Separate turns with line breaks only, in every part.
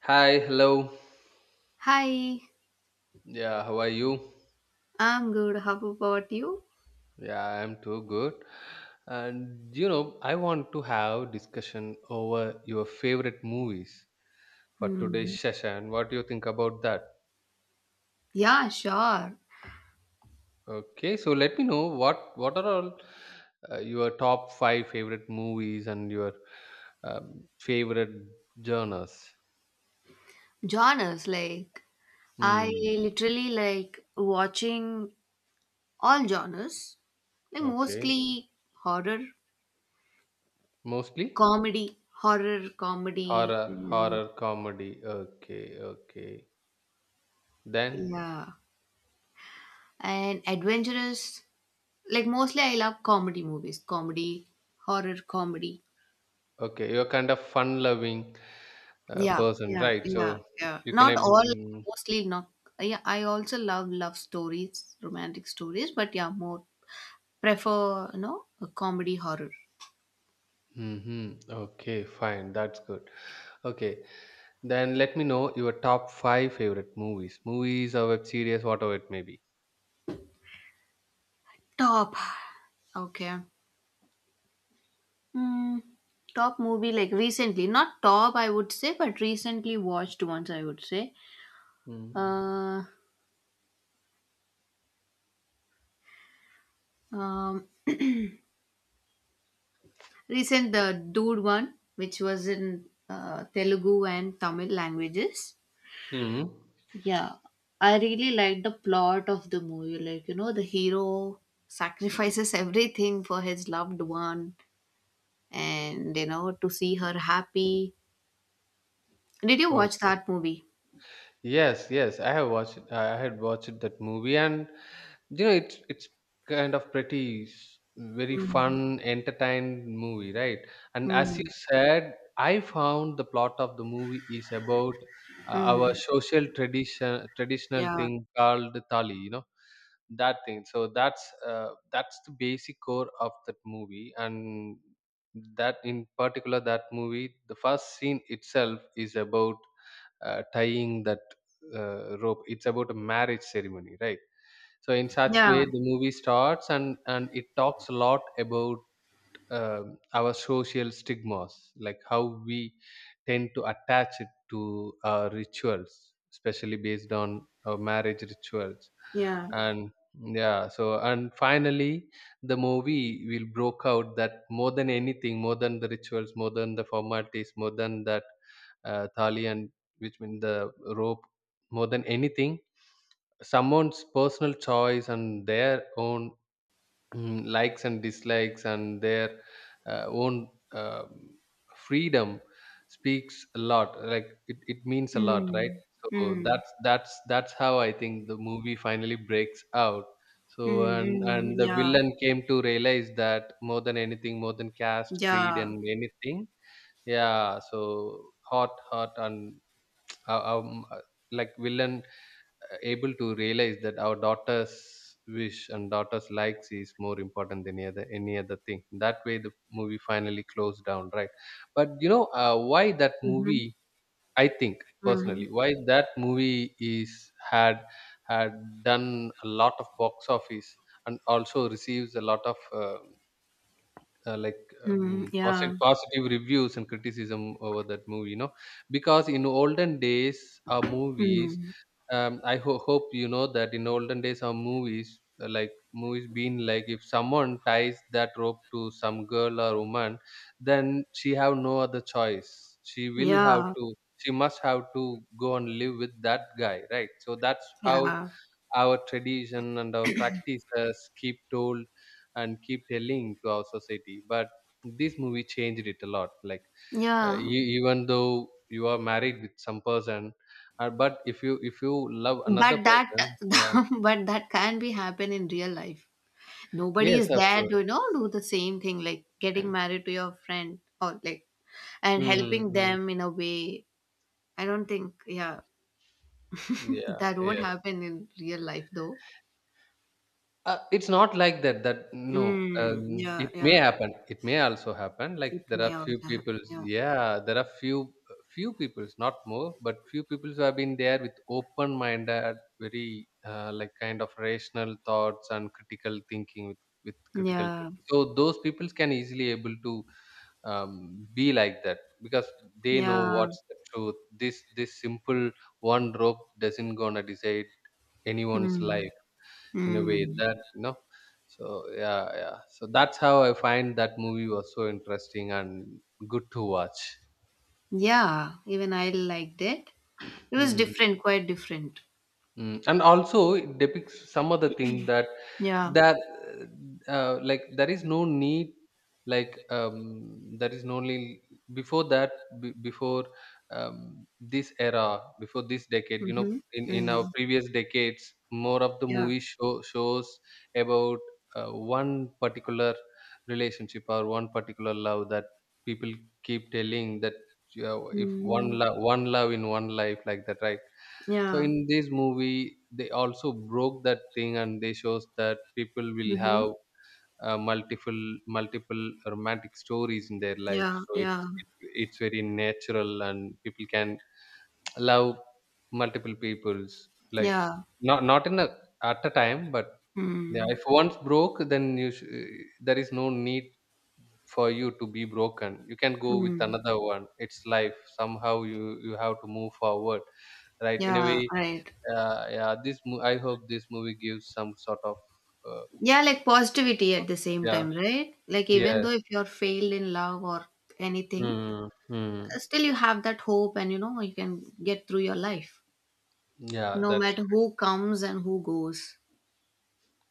Hi, hello.
Hi,
Yeah, how are you?
I'm good. How about you?
Yeah, I'm too good. And you know, I want to have discussion over your favorite movies for
Hmm.
today's session. What do you think about that?
Yeah, sure.
Okay, so let me know what are all your top five favorite movies and your favorite genres.
Genres, like I
Hmm.
literally like watching all genres, like
Okay.
mostly horror,
Mostly
horror, comedy,
horror,
and
horror comedy. Okay, okay. Then
yeah, and adventurous. Like mostly I love comedy movies, comedy, horror, comedy.
okay, you're kind of fun-loving
Yeah,
person,
yeah,
right?
yeah,
So
yeah.
you can.
Not all,
Mm-hmm.
mostly not. Yeah, I also love love stories, romantic stories, but yeah, more prefer, a comedy horror.
Mm-hmm. Okay, fine. That's good. Okay, then let me know your top five favorite movies, movies or web series, whatever it may be.
Top. Okay. Hmm. Top movie like recently, not top I would say, but recently watched ones I would say.
Mm-hmm.
Uh, um, recent the dude one, which was in Telugu and Tamil languages. Yeah, I really like the plot of the movie. Like, the hero sacrifices everything for his loved one and, to see her happy. Did you
Oh,
watch that movie?
yes, yes. I have watched. I had watched that movie, and it's kind of pretty very
Mm,
fun entertained movie, right? And as you
mm,
said, I found the plot of the movie is about our
mm,
social traditional
yeah,
thing called tali, that thing. So that's the basic core of that movie, and that in particular that movie, the first scene itself is about tying that rope. It's about a marriage ceremony, right? So in such
yeah,
way, the movie starts and it talks a lot about our social stigmas, like how we tend to attach it to our rituals, especially based on our marriage rituals,
yeah.
and yeah. So and finally, the movie will broke out that more than anything, more than the rituals, more than the formalities, more than that thali, and which means the rope, more than anything, someone's personal choice and their own likes and dislikes and their own freedom speaks a lot, like it means a lot, right?
Mm,
So
mm,
that's how I think the movie finally breaks out. So
mm,
and
mm,
and the
yeah,
villain came to realize that more than anything, more than caste, creed
yeah.
and anything, yeah. So hot hot and uh, um, uh, like villain able to realize that our daughter's wish and daughter's likes is more important than any other thing. That way the movie finally closed down, right? But you know, why that
Mm-hmm,
movie, I think,
mm,
personally, why that movie is had done a lot of box office and also receives a lot of like
mm, yeah,
positive reviews and criticism over that movie, you know. Because in olden days our movies,
mm,
I hope you know that in olden days our movies like movies being like, if someone ties that rope to some girl or woman, then she have no other choice. She will have
yeah,
to, she must have to go and live with that guy, right? So that's how
yeah,
our tradition and our practices keep told and keep telling to our society. But this movie changed it a lot. Like
yeah.
you, even though you are married with some person, but if you, if you love another
But that,
person, yeah,
but that can be happen in real life. Nobody is
yes, of
there
course.
to do the same thing like getting
Mm,
married to your friend or like and helping
mm,
them in a way. I don't think yeah.
yeah,
That won't
yeah.
happen in real life though.
It's not like that. That no,
Mm, yeah,
it may
yeah.
happen. It may also happen. Like
It
there
may
are few
also happen,
people.
yeah,
Yeah, there are few people, not more, but few people who have been there with open-minded, very like kind of rational thoughts and critical thinking with critical
yeah,
thinking. So those people can easily able to be like that, because they know
yeah.
what's the truth. This simple one rope doesn't gonna decide anyone's
Mm,
life in a way
mm.
that, you know. So yeah, yeah, so that's how I find that movie was so interesting and good to watch.
Yeah, even I liked it. It was
Hmm.
different, quite different.
Mm, and also it depicts some other thing that
Yeah.
that like there is no need, like there is no need. Before that, before this era, before this decade, you know,
Mm-hmm.
in
Mm-hmm.
our previous decades, more of the
Yeah.
movie shows about one particular relationship or one particular love that people keep telling, that yeah, if one
Mm-hmm.
love, in one life, like that, right? So
Yeah.
in this movie they also broke that thing, and they shows that people will
Mm-hmm.
have uh, multiple multiple romantic stories in their life.
Yeah,
So
yeah,
it's very natural, and people can love multiple peoples, like
yeah.
not in a, at a time. But yeah,
Mm.
if once broke, then there is no need for you to be broken. You can go with
Mm.
another one. It's life, somehow you have to move forward, right, in a
Yeah,
way.
right.
Uh, yeah, this I hope this movie gives some sort of uh,
Yeah, like positivity at the same
yeah,
time, right? Like even
yes,
though if you're failed in love or anything,
mm, mm.
still you have that hope and you can get through your life.
Yeah,
No
that's
matter
correct.
who comes and who goes.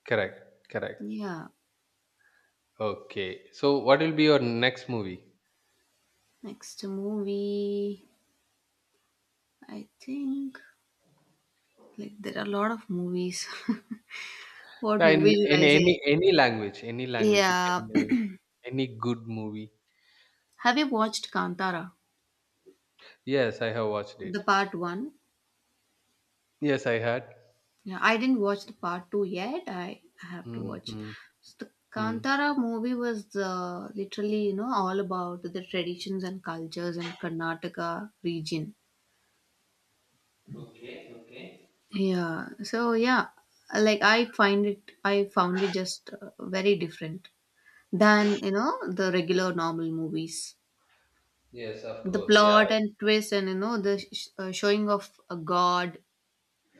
Correct.
Yeah.
Okay, so what will be your next movie?
Next movie, I think like there are a lot of movies. What
Yeah,
movie should
in
I
any
say?
any language, any language you can
Yeah.
name, any good movie.
Have you watched Kantara?
Yes, I have watched
The
it.
part one?
Yes, I had.
Yeah, I didn't watch the part two yet. I have to watch.
Mm-hmm.
So the Kantara movie was literally, all about the traditions and cultures in Karnataka region.
Okay. Okay.
Yeah. So yeah, like I find it, I found it just very different than the regular normal movies.
Yes, of
The
course. Yeah.
plot and twist and the showing of a god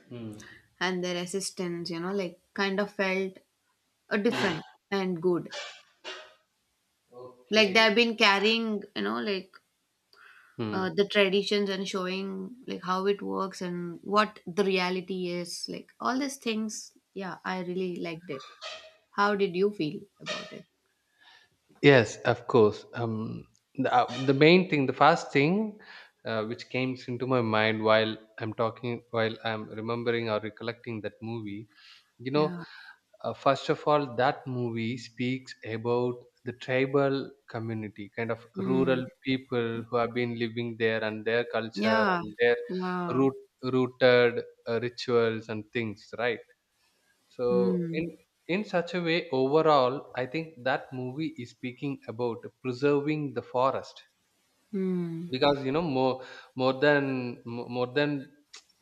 Hmm.
and their assistants, like kind of felt
Hmm.
different and good. Like they
Okay.
have been carrying, like
Hmm.
the traditions and showing like how it works and what the reality is. Like all these things. Yeah, I really liked it. How did you feel about it?
Yes, of course. The main thing, the first thing which came into my mind while I'm talking, while I'm remembering or recollecting that movie, you know,
Yeah.
first of all, that movie speaks about the tribal community, kind of
Mm.
rural people who have been living there and their culture
Yeah.
and their
Yeah.
root, rooted rituals and things, right? So
Mm.
in such a way, overall, I think that movie is speaking about preserving the forest,
Mm.
because you know, more than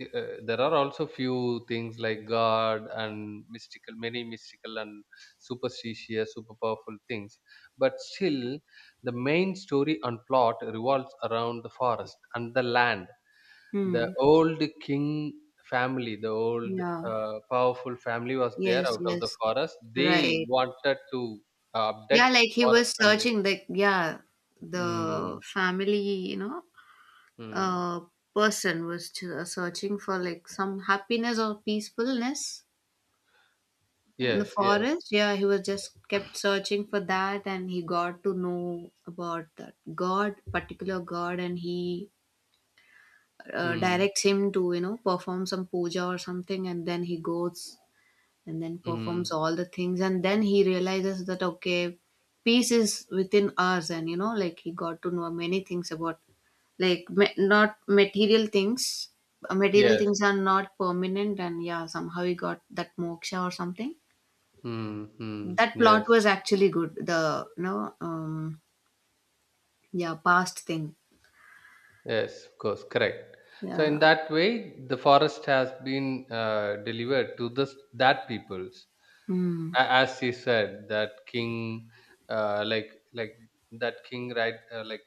there are also few things like god and mystical, many mystical and superstitious, super powerful things, but still the main story and plot revolves around the forest and the land, the
Mm.
old king family, the old
Yeah.
powerful family was there
Yes.
out of the
Yes.
forest. They
Right.
wanted to
Yeah,
abduct
like
the
he
forest
was
from there.
searching, like, yeah, the
Mm,
family,
mm.
uh, person was to, searching for like some happiness or peacefulness in the
Yes, yes.
forest. Yeah, he was just kept searching for that, and he got to know about that god, particular god, and he
Mm,
directs him to perform some puja or something, and then he goes and then performs
mm,
all the things and then he realizes that okay, peace is within us and like he got to know many things about like not material things. Material
yes,
things are not permanent, and yeah, somehow he got that moksha or something.
mm, mm,
That plot
yes,
was actually good. The you know um yeah, past thing.
yes, of course, correct. So
Yeah.
in that way, the forest has been delivered to this that peoples.
Mm.
As he said, that king, like that king, right? Like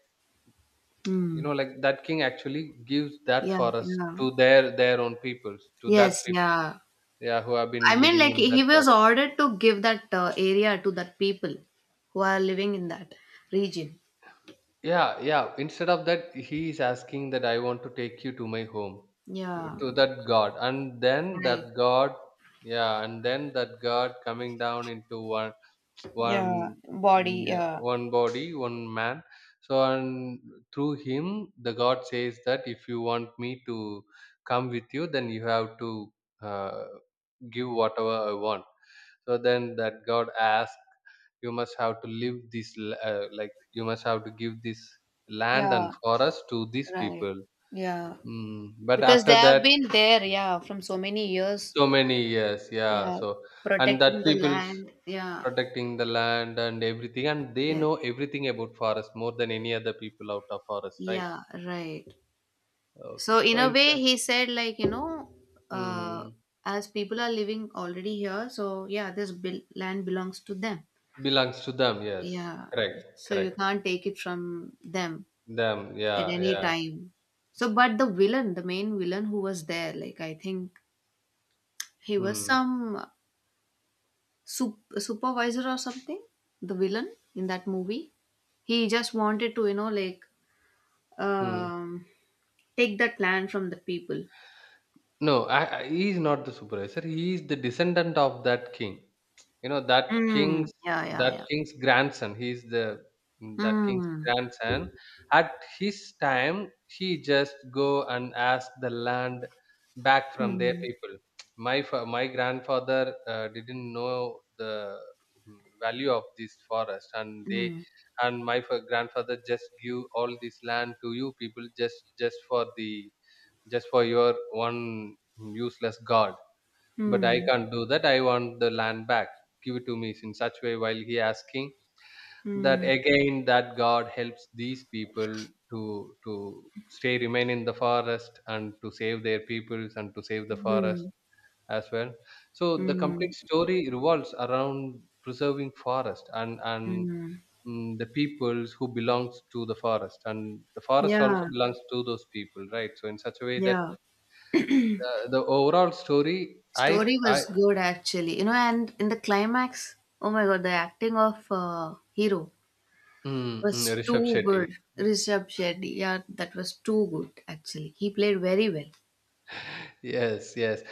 you know,
Mm.
like that king actually gives that
Yeah,
forest
yeah,
to their own peoples, to that
yes,
people,
yeah.
yeah, who have
I
been
mean,
living
like
in that
he was
forest.
ordered to give that area to that people who are living in that region.
Yeah, yeah. Instead of that, he is asking that I want to take you to my home,
Yeah,
to that God, and then
right.
that God, yeah, and then that God coming down into
Yeah,
one, mm,
body.
yeah,
Yeah,
one body, one man. So, and through him, the God says that if you want me to come with you, then you have to uh, give whatever I want. So then that God asks, you must have to live this like, you must have to give this land
yeah,
and forest to these
right.
people.
Yeah,
Mm. But
because they
after
have
that,
been there. Yeah, from so many years.
so many years, yeah.
Yeah,
So and
protecting
that
the
people's
land. Yeah,
protecting the land and everything, and they
yeah,
know everything about forest more than any other people out of forest, right?
yeah, right. So
Okay,
in
so
a
in
way,
such,
he said like uh,
mm,
as people are living already here, so yeah, this land belongs to them.
belongs to them, yes,
Yeah,
correct,
so you
correct,
can't take it from them
them,
at
yeah,
any
yeah,
time. So, but the villain, the main villain who was there, like I think he was some supervisor or something, the villain in that movie. He just wanted to, like
mm.
um, take that land from the people.
No, he is not the supervisor. He is the descendant of that king. You know that
Mm,
king's,
yeah, yeah, yeah.
grandson. He is the, mm, that king's
Mm,
grandson. At his time, he just go and ask the land back from their
mm,
people. My grandfather didn't know the, mm, value of this forest, and they,
mm,
and my grandfather just give all this land to you people just for the, just for your one useless god. But I
mm,
can't do that. I want the land back. Give it to me. In such way, while he asking that,
mm,
again that God helps these people to stay, remain in the forest and to save their peoples and to save the forest
mm,
as well. So the
mm,
complete story revolves around preserving forest and
mm.
mm, the peoples who belongs to the forest, and the forest also
Yeah,
belongs to those people, right? So in such a way that
yeah.
the overall story,
Story was good actually, and in the climax, oh my god, the acting of hero
mm, mm,
was
Rishabh
too
Shetty.
good. Rishabh Shetty, yeah, that was too good actually. He played very well.
Yes, yes.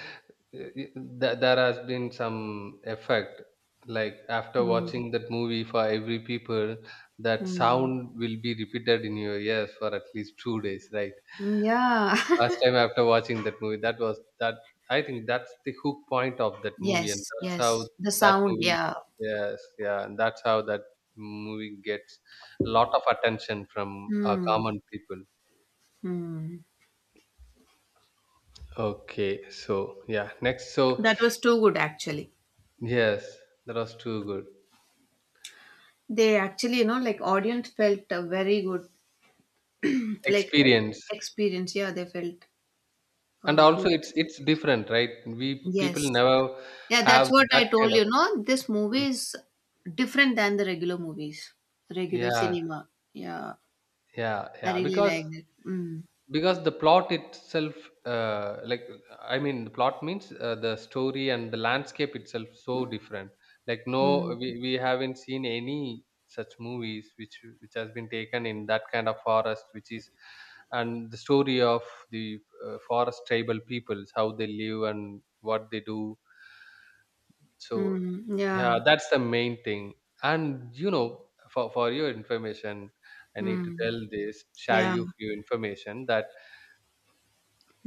There has been some effect. Like after
Mm.
watching that movie for every people, that
Mm.
sound will be repeated in your ears for at least 2 days, right?
Mm, yeah.
Last time after watching that movie, that was that. I think that's the hook point of that movie, and
Yes,
that's how
yes. The
that
sound,
movie.
yeah.
Yes, yeah, and that's how that movie gets a lot of attention from
Mm.
common people.
Mm.
Okay, so yeah, next. So
That was too good actually.
yes, that was too good
They actually, like audience felt a very good, like
experience,
experience. Yeah, they felt a
and also
good
it's
experience.
different, right? We people
Yes.
never
Yeah,
have
that's what I
that
told
kind of
you, no? This movie
experience.
is different than the regular movies, regular
Yeah,
cinema. Yeah,
yeah,
I
yeah.
really
Because
liked it. Mm,
because the plot itself, like I mean the plot means, the story and the landscape itself so different, like no,
mm,
we haven't seen any such movies which has been taken in that kind of forest which is. And the story of the forest tribal peoples, how they live and what they do. So
mm,
yeah,
yeah,
that's the main thing. And you know, for your information, I need to
mm,
tell this, share
yeah,
you few information that,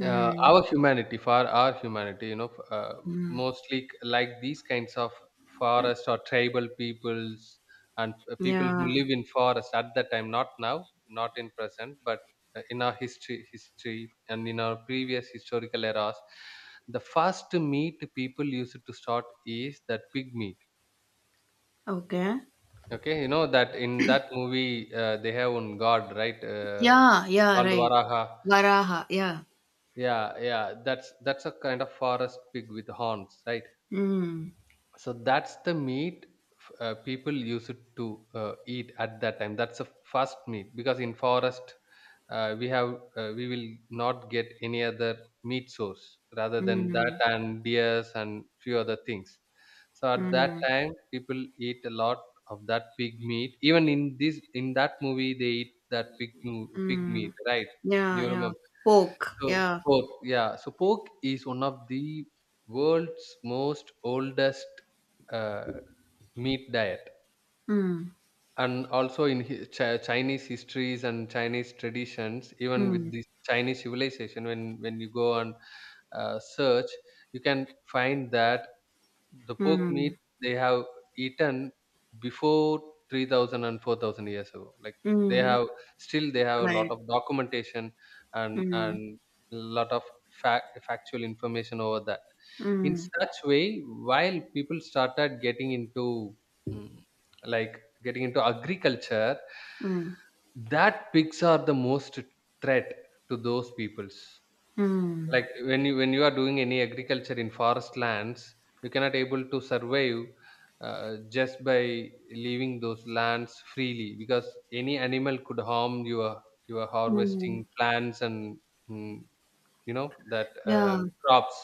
our humanity for our humanity,
mm,
mostly like these kinds of forest or tribal peoples, and people who
yeah.
live in forest at that time, not now, not in present, but in our history and in our previous historical eras, the first meat people used to start is that pig meat.
Okay.
Okay, you know that in that movie, they have one god, right?
Yeah, yeah,
Called
right.
Varaha.
Varaha, yeah.
Yeah, that's a kind of forest pig with horns, right?
Mm,
So that's the meat people used to eat at that time. That's the first meat, because in forest, we have, we will not get any other meat source rather than that,
mm,
and deers and few other things. So at that
mm,
time people eat a lot of that pig meat. Even in this in that movie they eat that pig
mm.
meat, right?
Yeah,
You
yeah.
remember?
Poke,
So
yeah.
pork, yeah. So pork is one of the world's most oldest, uh, meat diet,
Mm,
and also in Chinese histories and Chinese traditions, even
mm,
with this Chinese civilization, when you go and search, you can find that the pork meat
mm,
they have eaten before 3,000 and 4,000 years ago. Like they
mm.
have, still they have a lot
Right.
of documentation and
Mm,
lot of factual information over that. In
mm.
such way, while people started getting into, mm, like getting into agriculture,
Mm,
that pigs are the most threat to those peoples.
mm,
Like when you are doing any agriculture in forest lands, you cannot able to survive, just by leaving those lands freely, because any animal could harm your
mm.
harvesting plants and, mm, you know that,
Yeah.
crops.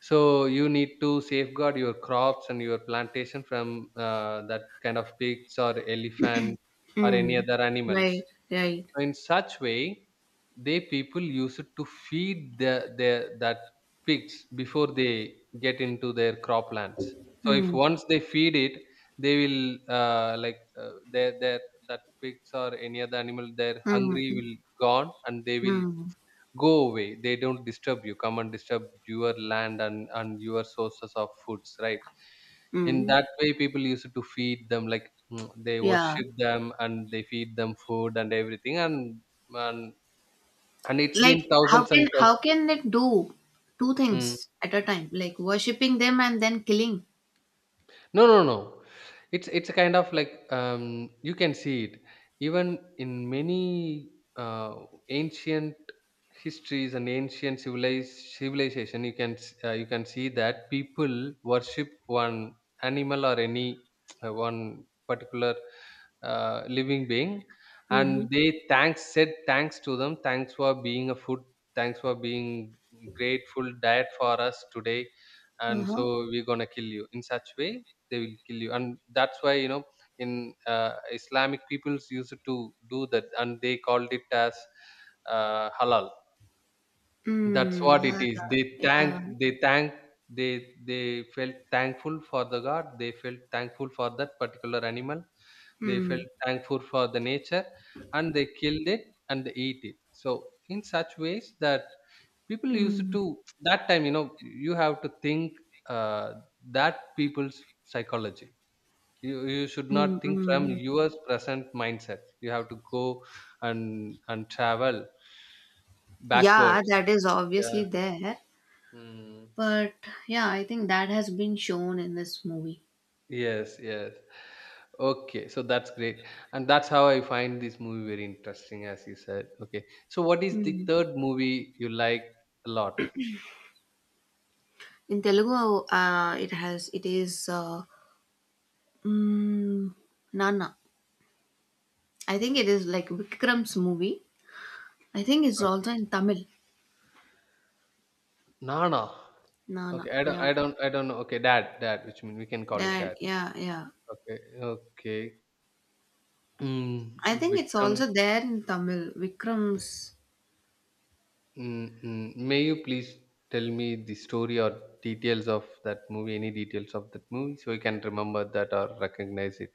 So you need to safeguard your crops and your plantation from, that kind of pigs or elephants or any
Mm.
other
Right,
animals.
right.
So in such way, they people use it to feed the their that pigs before they get into their croplands. So if
Mm,
once they feed it, they will, like, their that pigs or any other animal, their
mm,
hungry
mm,
will gone, and they will
mm.
go away, they don't disturb you, come and disturb your land and your sources of foods, right? In
Mm.
that way people used to feed them, like, mm, they
Yeah.
worship them and they feed them food and everything. And and and it's been
Like how
thousands
can
and
how can they do two
thousands.
things at a time? Like worshipping them and then killing.
No, no, no. It's a kind of like, you can see it even in many, uh, ancient histories and ancient civilized civilization. You can you can see that people worship one animal or any, one particular, living being,
Mm-hmm.
and they thanks said thanks to them. Thanks for being a food. Thanks for being grateful diet for us today, and
Uh-huh.
so we're gonna kill you. In such way they will kill you, and that's why you know, in, islamic peoples used to do that, and they called it as, halal. That's
Mm.
what it is.
Hala.
they thank
Yeah.
they thank they they felt thankful for the god, they felt thankful for that particular animal, they
Mm.
felt thankful for the nature, and they killed it and they ate it. So in such ways that people used
Mm.
to, that time, you know, you have to think, uh, that people's psychology. You should
Mm.
not think from
Mm.
your present mindset, you have to go and travel
Yeah,
backwards.
that is
Yeah.
obviously there.
Mm.
But yeah, I think that has been shown in this movie.
Yes, yes. Okay, so that's great, and that's how I find this movie very interesting, as you said. Okay, so what is the third movie you like a lot?
In Telugu, it has it is mm, Nana. I think it is like Vikram's movie. I think it's
Uh,
also in Tamil.
Nana.
Nana,
Okay,
yeah.
I don't know. Okay, dad, which mean we can call it
Dad,
dad.
yeah, yeah.
Okay. Okay. Mm.
I think it's
Vikram.
also there in Tamil. Vikram's.
Mm-mm. May you please tell me the story or details of that movie? Any details of that movie, so I can remember that or recognize it.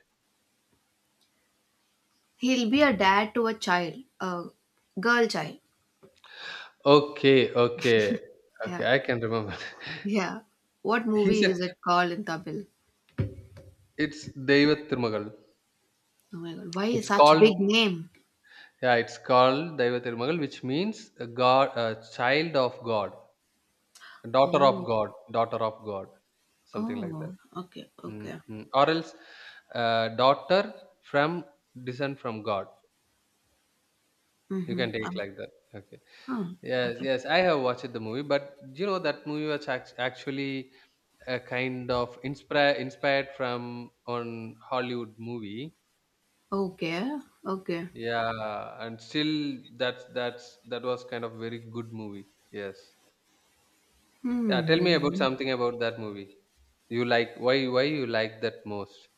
He'll be a dad to a child, a girl child.
Okay, okay,
Yeah,
okay. I can remember.
yeah. What
He
movie
said
is it called in Tamil?
it's Deva Thirumagal.
Oh my God, why is
It's
such
called,
big name?
yeah. It's called Deva Thirumagal, which means a God, a child of God,
Oh,
Daughter of God, something like
oh,
that.
okay, okay.
Mm-mm. Or else, daughter from descent from God. You
Mm-hmm.
can take like that. Okay.
Huh.
Yes,
Okay.
yes, I have watched the movie, but you know that movie was actually a kind of inspired from on Hollywood movie.
Okay, okay.
Yeah, and still that was kind of very good movie. Yes. Yeah, tell me about
Hmm.
something about that movie. You like, why you like that most?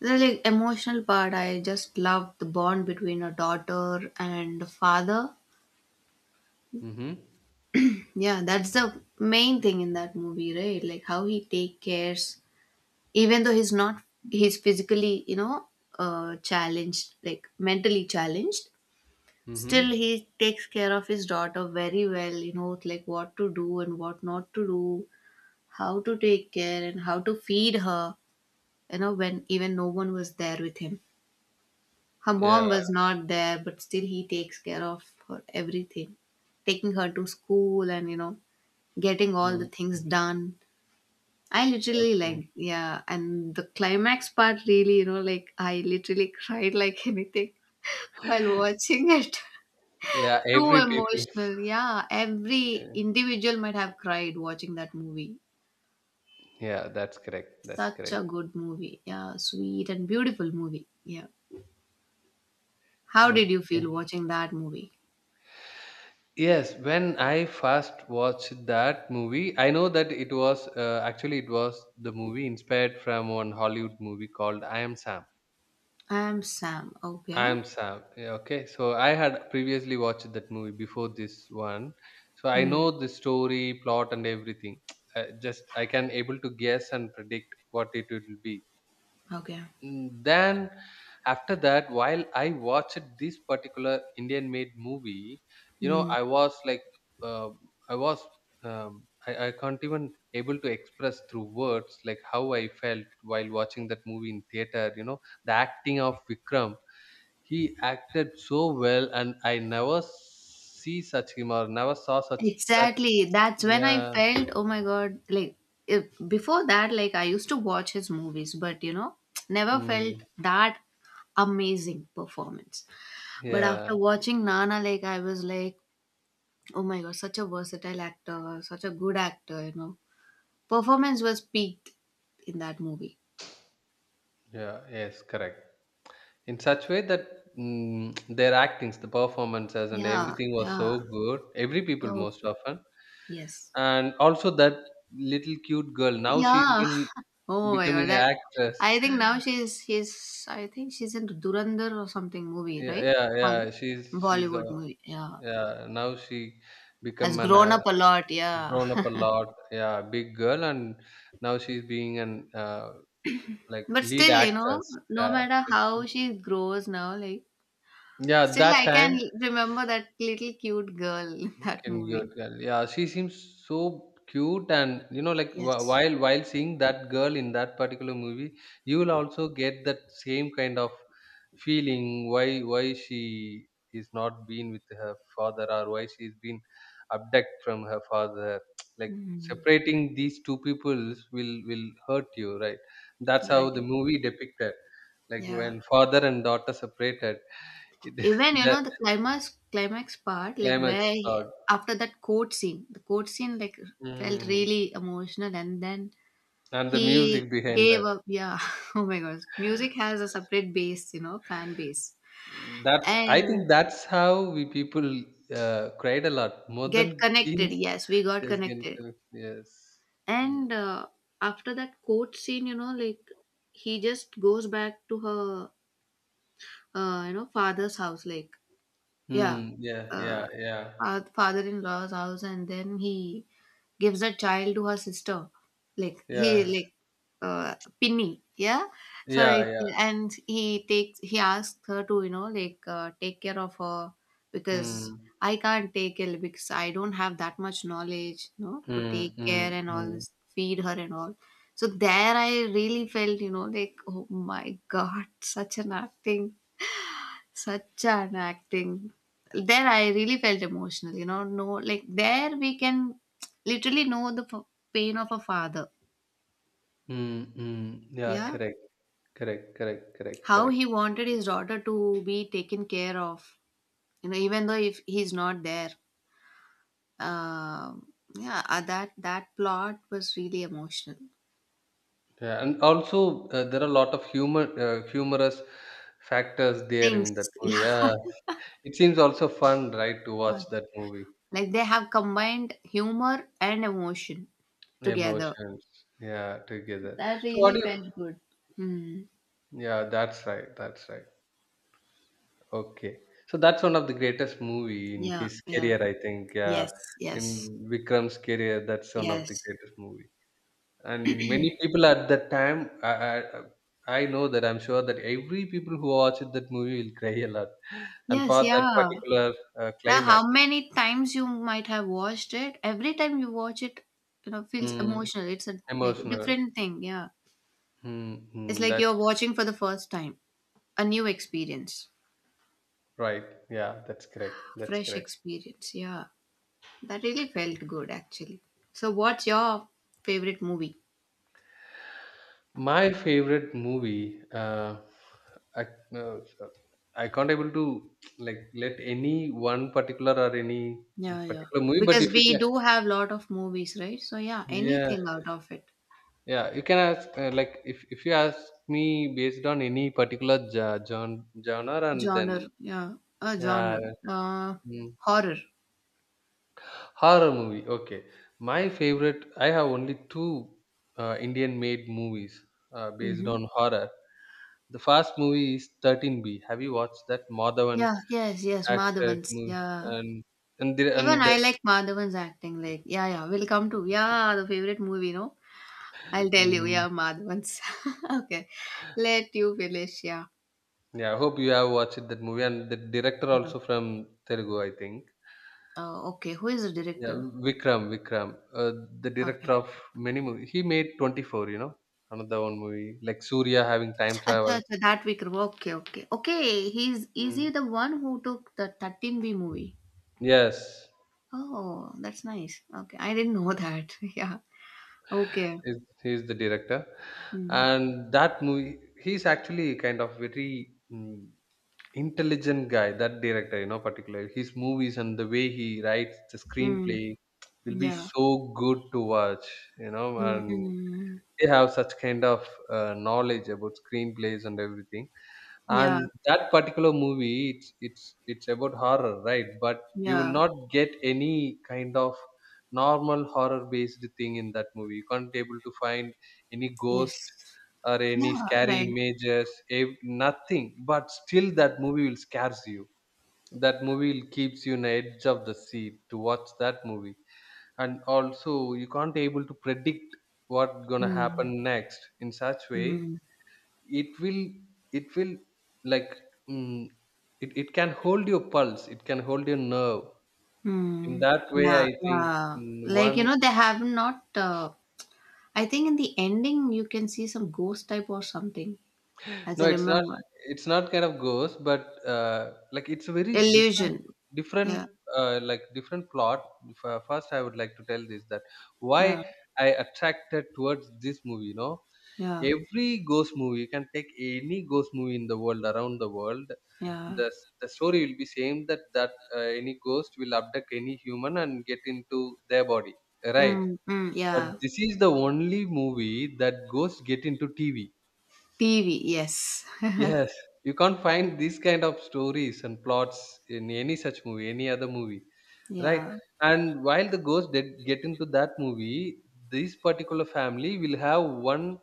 The like emotional part, I just love the bond between a daughter and a father.
Mm-hmm.
Yeah, that's the main thing in that movie, right? Like how he take cares, even though he's not, he's physically, challenged, like mentally challenged. Still,
Mm-hmm.
he takes care of his daughter very well. Like what to do and what not to do, how to take care and how to feed her. When even no one was there with him. Her mom
Yeah.
was not there, but still he takes care of her everything, taking her to school and getting all the
Mm.
things done. I literally
Okay.
like yeah, and the climax part really like I literally cried like anything while watching it.
Yeah,
Too
every people.
emotional, yeah. Every individual might have cried watching that movie.
Yeah, that's correct. That's
Such
correct.
a good movie, yeah, sweet and beautiful movie, yeah. How did you feel
Okay.
watching that movie?
Yes, when I first watched that movie, I know that it was, actually it was the movie inspired from one Hollywood movie called I Am Sam.
I'm Sam.
I
Okay.
Am Sam. Yeah, okay, so I had previously watched that movie before this one, so I
Mm.
know the story, plot, and everything. Just I can able to guess and predict what it will be.
Okay.
Mm, then after that, while I watched this particular indian made movie, you know,
Mm.
I was like, uh, i was I can't even able to express through words like how I felt while watching that movie in theater, you know, the acting of Vikram. He acted so well, and I never see such him, or never saw such.
Exactly. That's when I
Yeah.
felt, oh my God, like if, before that, like I used to watch his movies, but never felt
Mm,
that amazing performance. But
yeah,
after watching Nana, like I was like, oh my God, such a versatile actor, such a good actor, Performance was peaked in that movie.
yeah. Yes, correct. In such way that, mm, their actings, the performances and
Yeah,
everything was so
yeah.
good, every people,
Oh,
most often.
yes.
And also that little cute girl, now she's
Yeah.
been
Oh my god,
becoming an
that
actress.
I think now she's I think she's in Durandar or something movie,
yeah
right?
yeah yeah
Hol-
she's,
Bollywood movie. Yeah.
yeah, now she
Has
become an,
grown up a lot, yeah.
grown up a lot, yeah, big girl. And now she's being an, uh, like,
But
lead
still,
actress.
no
Yeah.
matter how she grows now, like
Yeah,
still
that
I
time.
can remember that little cute girl in that
Can
movie.
good girl. Yeah, she seems so cute, and you know, like,
Yes.
while seeing that girl in that particular movie, you will also get that same kind of feeling. Why she is not been with her father, or why she's been abducted from her father. Like
Mm,
separating these two peoples will hurt you, right? That's how
right.
the movie depicted. Like
Yeah.
when father and daughter separated, it,
Even
the
the climax part, like where
climax
he-
part.
after that court scene, the court scene like felt
Hmm.
really emotional, and then
And the
he
music behind
gave
that.
up. Yeah, oh my gosh, music has a separate base, fan base,
Mm, that's, I
and
think, that's how we people, cried a lot more
get
than
connected.
teens.
Yes, we got
yes Gen-
connected,
uh, yes. Mm.
and after that court scene, like he just goes back to her, father's house. Like yeah,
Mm,
uh,
yeah.
father-in-law's house, and then he gives a child to her sister like he
Yes.
like uh, pinny, yeah, so
Yeah,
it,
yeah.
and he takes he asks her to like take care of her because
Mm,
I can't take it because I don't have that much knowledge no to take
mm,
care
mm,
and all
mm,
this feed her and all. So there I really felt like oh my god, such an acting, such an acting. There, I really felt emotional, No, like there, we can literally know the pain of a father.
mm, mm. Yeah,
Yeah.
Correct,
How
correct.
he wanted his daughter to be taken care of, even though if he's not there. Um, yeah, that that plot was really emotional.
Yeah, and also, there are a lot of humorous factors there in
Things,
that movie,
yeah.
yeah. It seems also fun, right, to watch
Like
that movie.
they have combined humor and emotion together.
Emotions, yeah, together.
That
So what do
really
you?
felt good. Hmm.
Yeah, that's right. That's right. Okay. So that's one of the greatest movie in
Yeah,
his
yeah.
career, I think. Yeah,
Yes, yes.
in Vikram's career, that's one of the
Yes.
greatest movie. And many people at that time, I know that, I'm sure that every people who watched that movie will cry a lot, and
Yes,
for that
yeah.
particular,
Now,
climax,
how many times you might have watched it? Every time you watch it, feels
mm,
emotional. It's a like
emotional.
different thing, yeah. It's
Mm-hmm,
like
that's
you're watching for the first time, a new experience,
right. Yeah, that's correct. That's
fresh
correct.
experience, yeah. That really felt good actually. So, what's your favorite movie?
My favorite movie, I, uh, I can't able to like let any one particular or any
Yeah, yeah.
particular movie, but
Because
if you
we
can,
do have lot of movies, right? So, yeah,
yeah,
anything out of it.
yeah, you can ask, like, if you ask me based on any particular genre, and then,
Genre, yeah. A
yeah,
genre. Uh,
mm,
horror.
horror movie. Okay, my favorite. I have only two, Indian-made movies, based
Mm-hmm.
on horror. The first movie is 13B. Have you watched that? Madhavan
Yeah, yes, yes,
acted
Madhavan's.
movie.
Yeah.
And
Even
and
I
that,
like Madhavan's acting. Like, yeah, yeah, we'll come to, yeah, the favorite movie, no? I'll tell you,
mm,
yeah, Madhavan's. Okay. Let you finish, yeah.
yeah. I hope you have watched that movie, and the director
Yeah.
also from Telugu, I think.
Okay, who is the
Yeah,
director?
Vikram, uh, the
Okay.
director of many movies. He made 24, you know, another one movie like Surya having time
Acha,
travel.
acha, that Vikram. Okay, okay. Okay, he's, is
Mm.
he the one who took the 13B movie?
Yes,
Oh, that's nice. Okay, I didn't know that. Yeah. Okay.
he's, he's the director,
Mm.
and that movie, he's actually kind of very, mm, intelligent guy, that director. You know, particularly his movies and the way he writes the
Mm.
screenplay will be
Yeah.
so good to watch, you know, and
Mm-mm.
they have such kind of, knowledge about screenplays and everything.
Yeah.
And that particular movie, it's it's about horror, right? But you will
Yeah.
not get any kind of normal horror based thing in that movie. You can't be able to find any ghost
Yes.
or any
Yeah,
scary
right.
images, nothing. But still, that movie will scares you. That movie will keeps you on the edge of the seat to watch that movie. And also, you can't able to predict what gonna
Mm,
happen next. In such way
mm,
it will it will like, mm, it can hold your pulse, it can hold your nerve. In
mm.
that way
Yeah,
I think,
yeah.
mm,
Like,
one.
they have not, I think in the ending you can see some ghost type or something, as
No,
I
it's not.
remember.
It's not kind of ghost, but, like it's a very
Illusion.
different,
Yeah,
like different plot. First, I would like to tell this, that
yeah,
why I attracted towards this movie. You know,
yeah,
every ghost movie, you can take any ghost movie in the world, around the world.
yeah.
The story will be same, that any ghost will abduct any human and get into their body, right?
Mm, mm,
But
yeah.
this is the only movie that ghosts get into TV.
TV, yes.
Yes, you can't find these kind of stories and plots in any such movie, any other movie, right?
Yeah.
And while the ghost did get into that movie, this particular family will have one,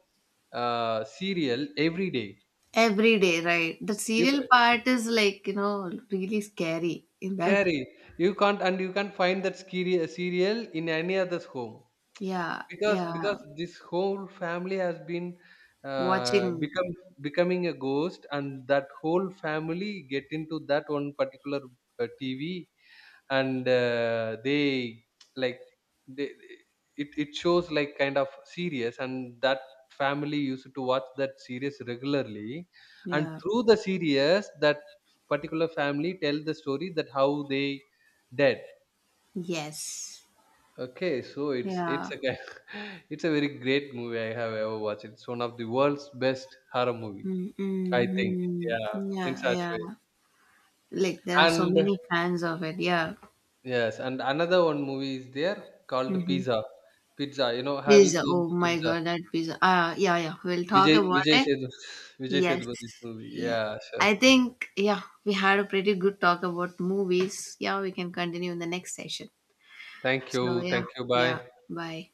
serial every day.
Every day, right. The
You
serial
ca-
part is like, really scary in that.
Scary. You can't, and you can't find that scary, serial in any other's home,
Yeah,
because
yeah.
this whole family has been,
Watching.
become becoming a ghost, and that whole family get into that one particular, TV, and, they, like, they it shows like kind of serious, and that family used to watch that series regularly. And
Yeah.
through the series, that particular family tell the story that how they dead.
Yes.
Okay, so it's
Yeah.
a kind. It's a very great movie I have ever watched. It's one of the world's best horror movie,
Mm,
I think.
mm, mm.
Yeah,
Yeah,
in such
yeah.
way.
Like there are so
And
many fans of it. Yeah.
yes, and another one movie is there called
Mm-hmm.
Pizza. Pizza, you know, have you
Pizza.
seen
Oh my
Pizza?
God, that pizza. Yeah, yeah. We'll talk
Vijay
about
Vijay
it.
Sethu, Vijay
Yes.
Sethupathi movie.
Yeah.
Yeah, sure.
I think, yeah, we had a pretty good talk about movies. Yeah, we can continue in the next session.
Thank
So,
you,
yeah,
thank you. Bye.
yeah. Bye.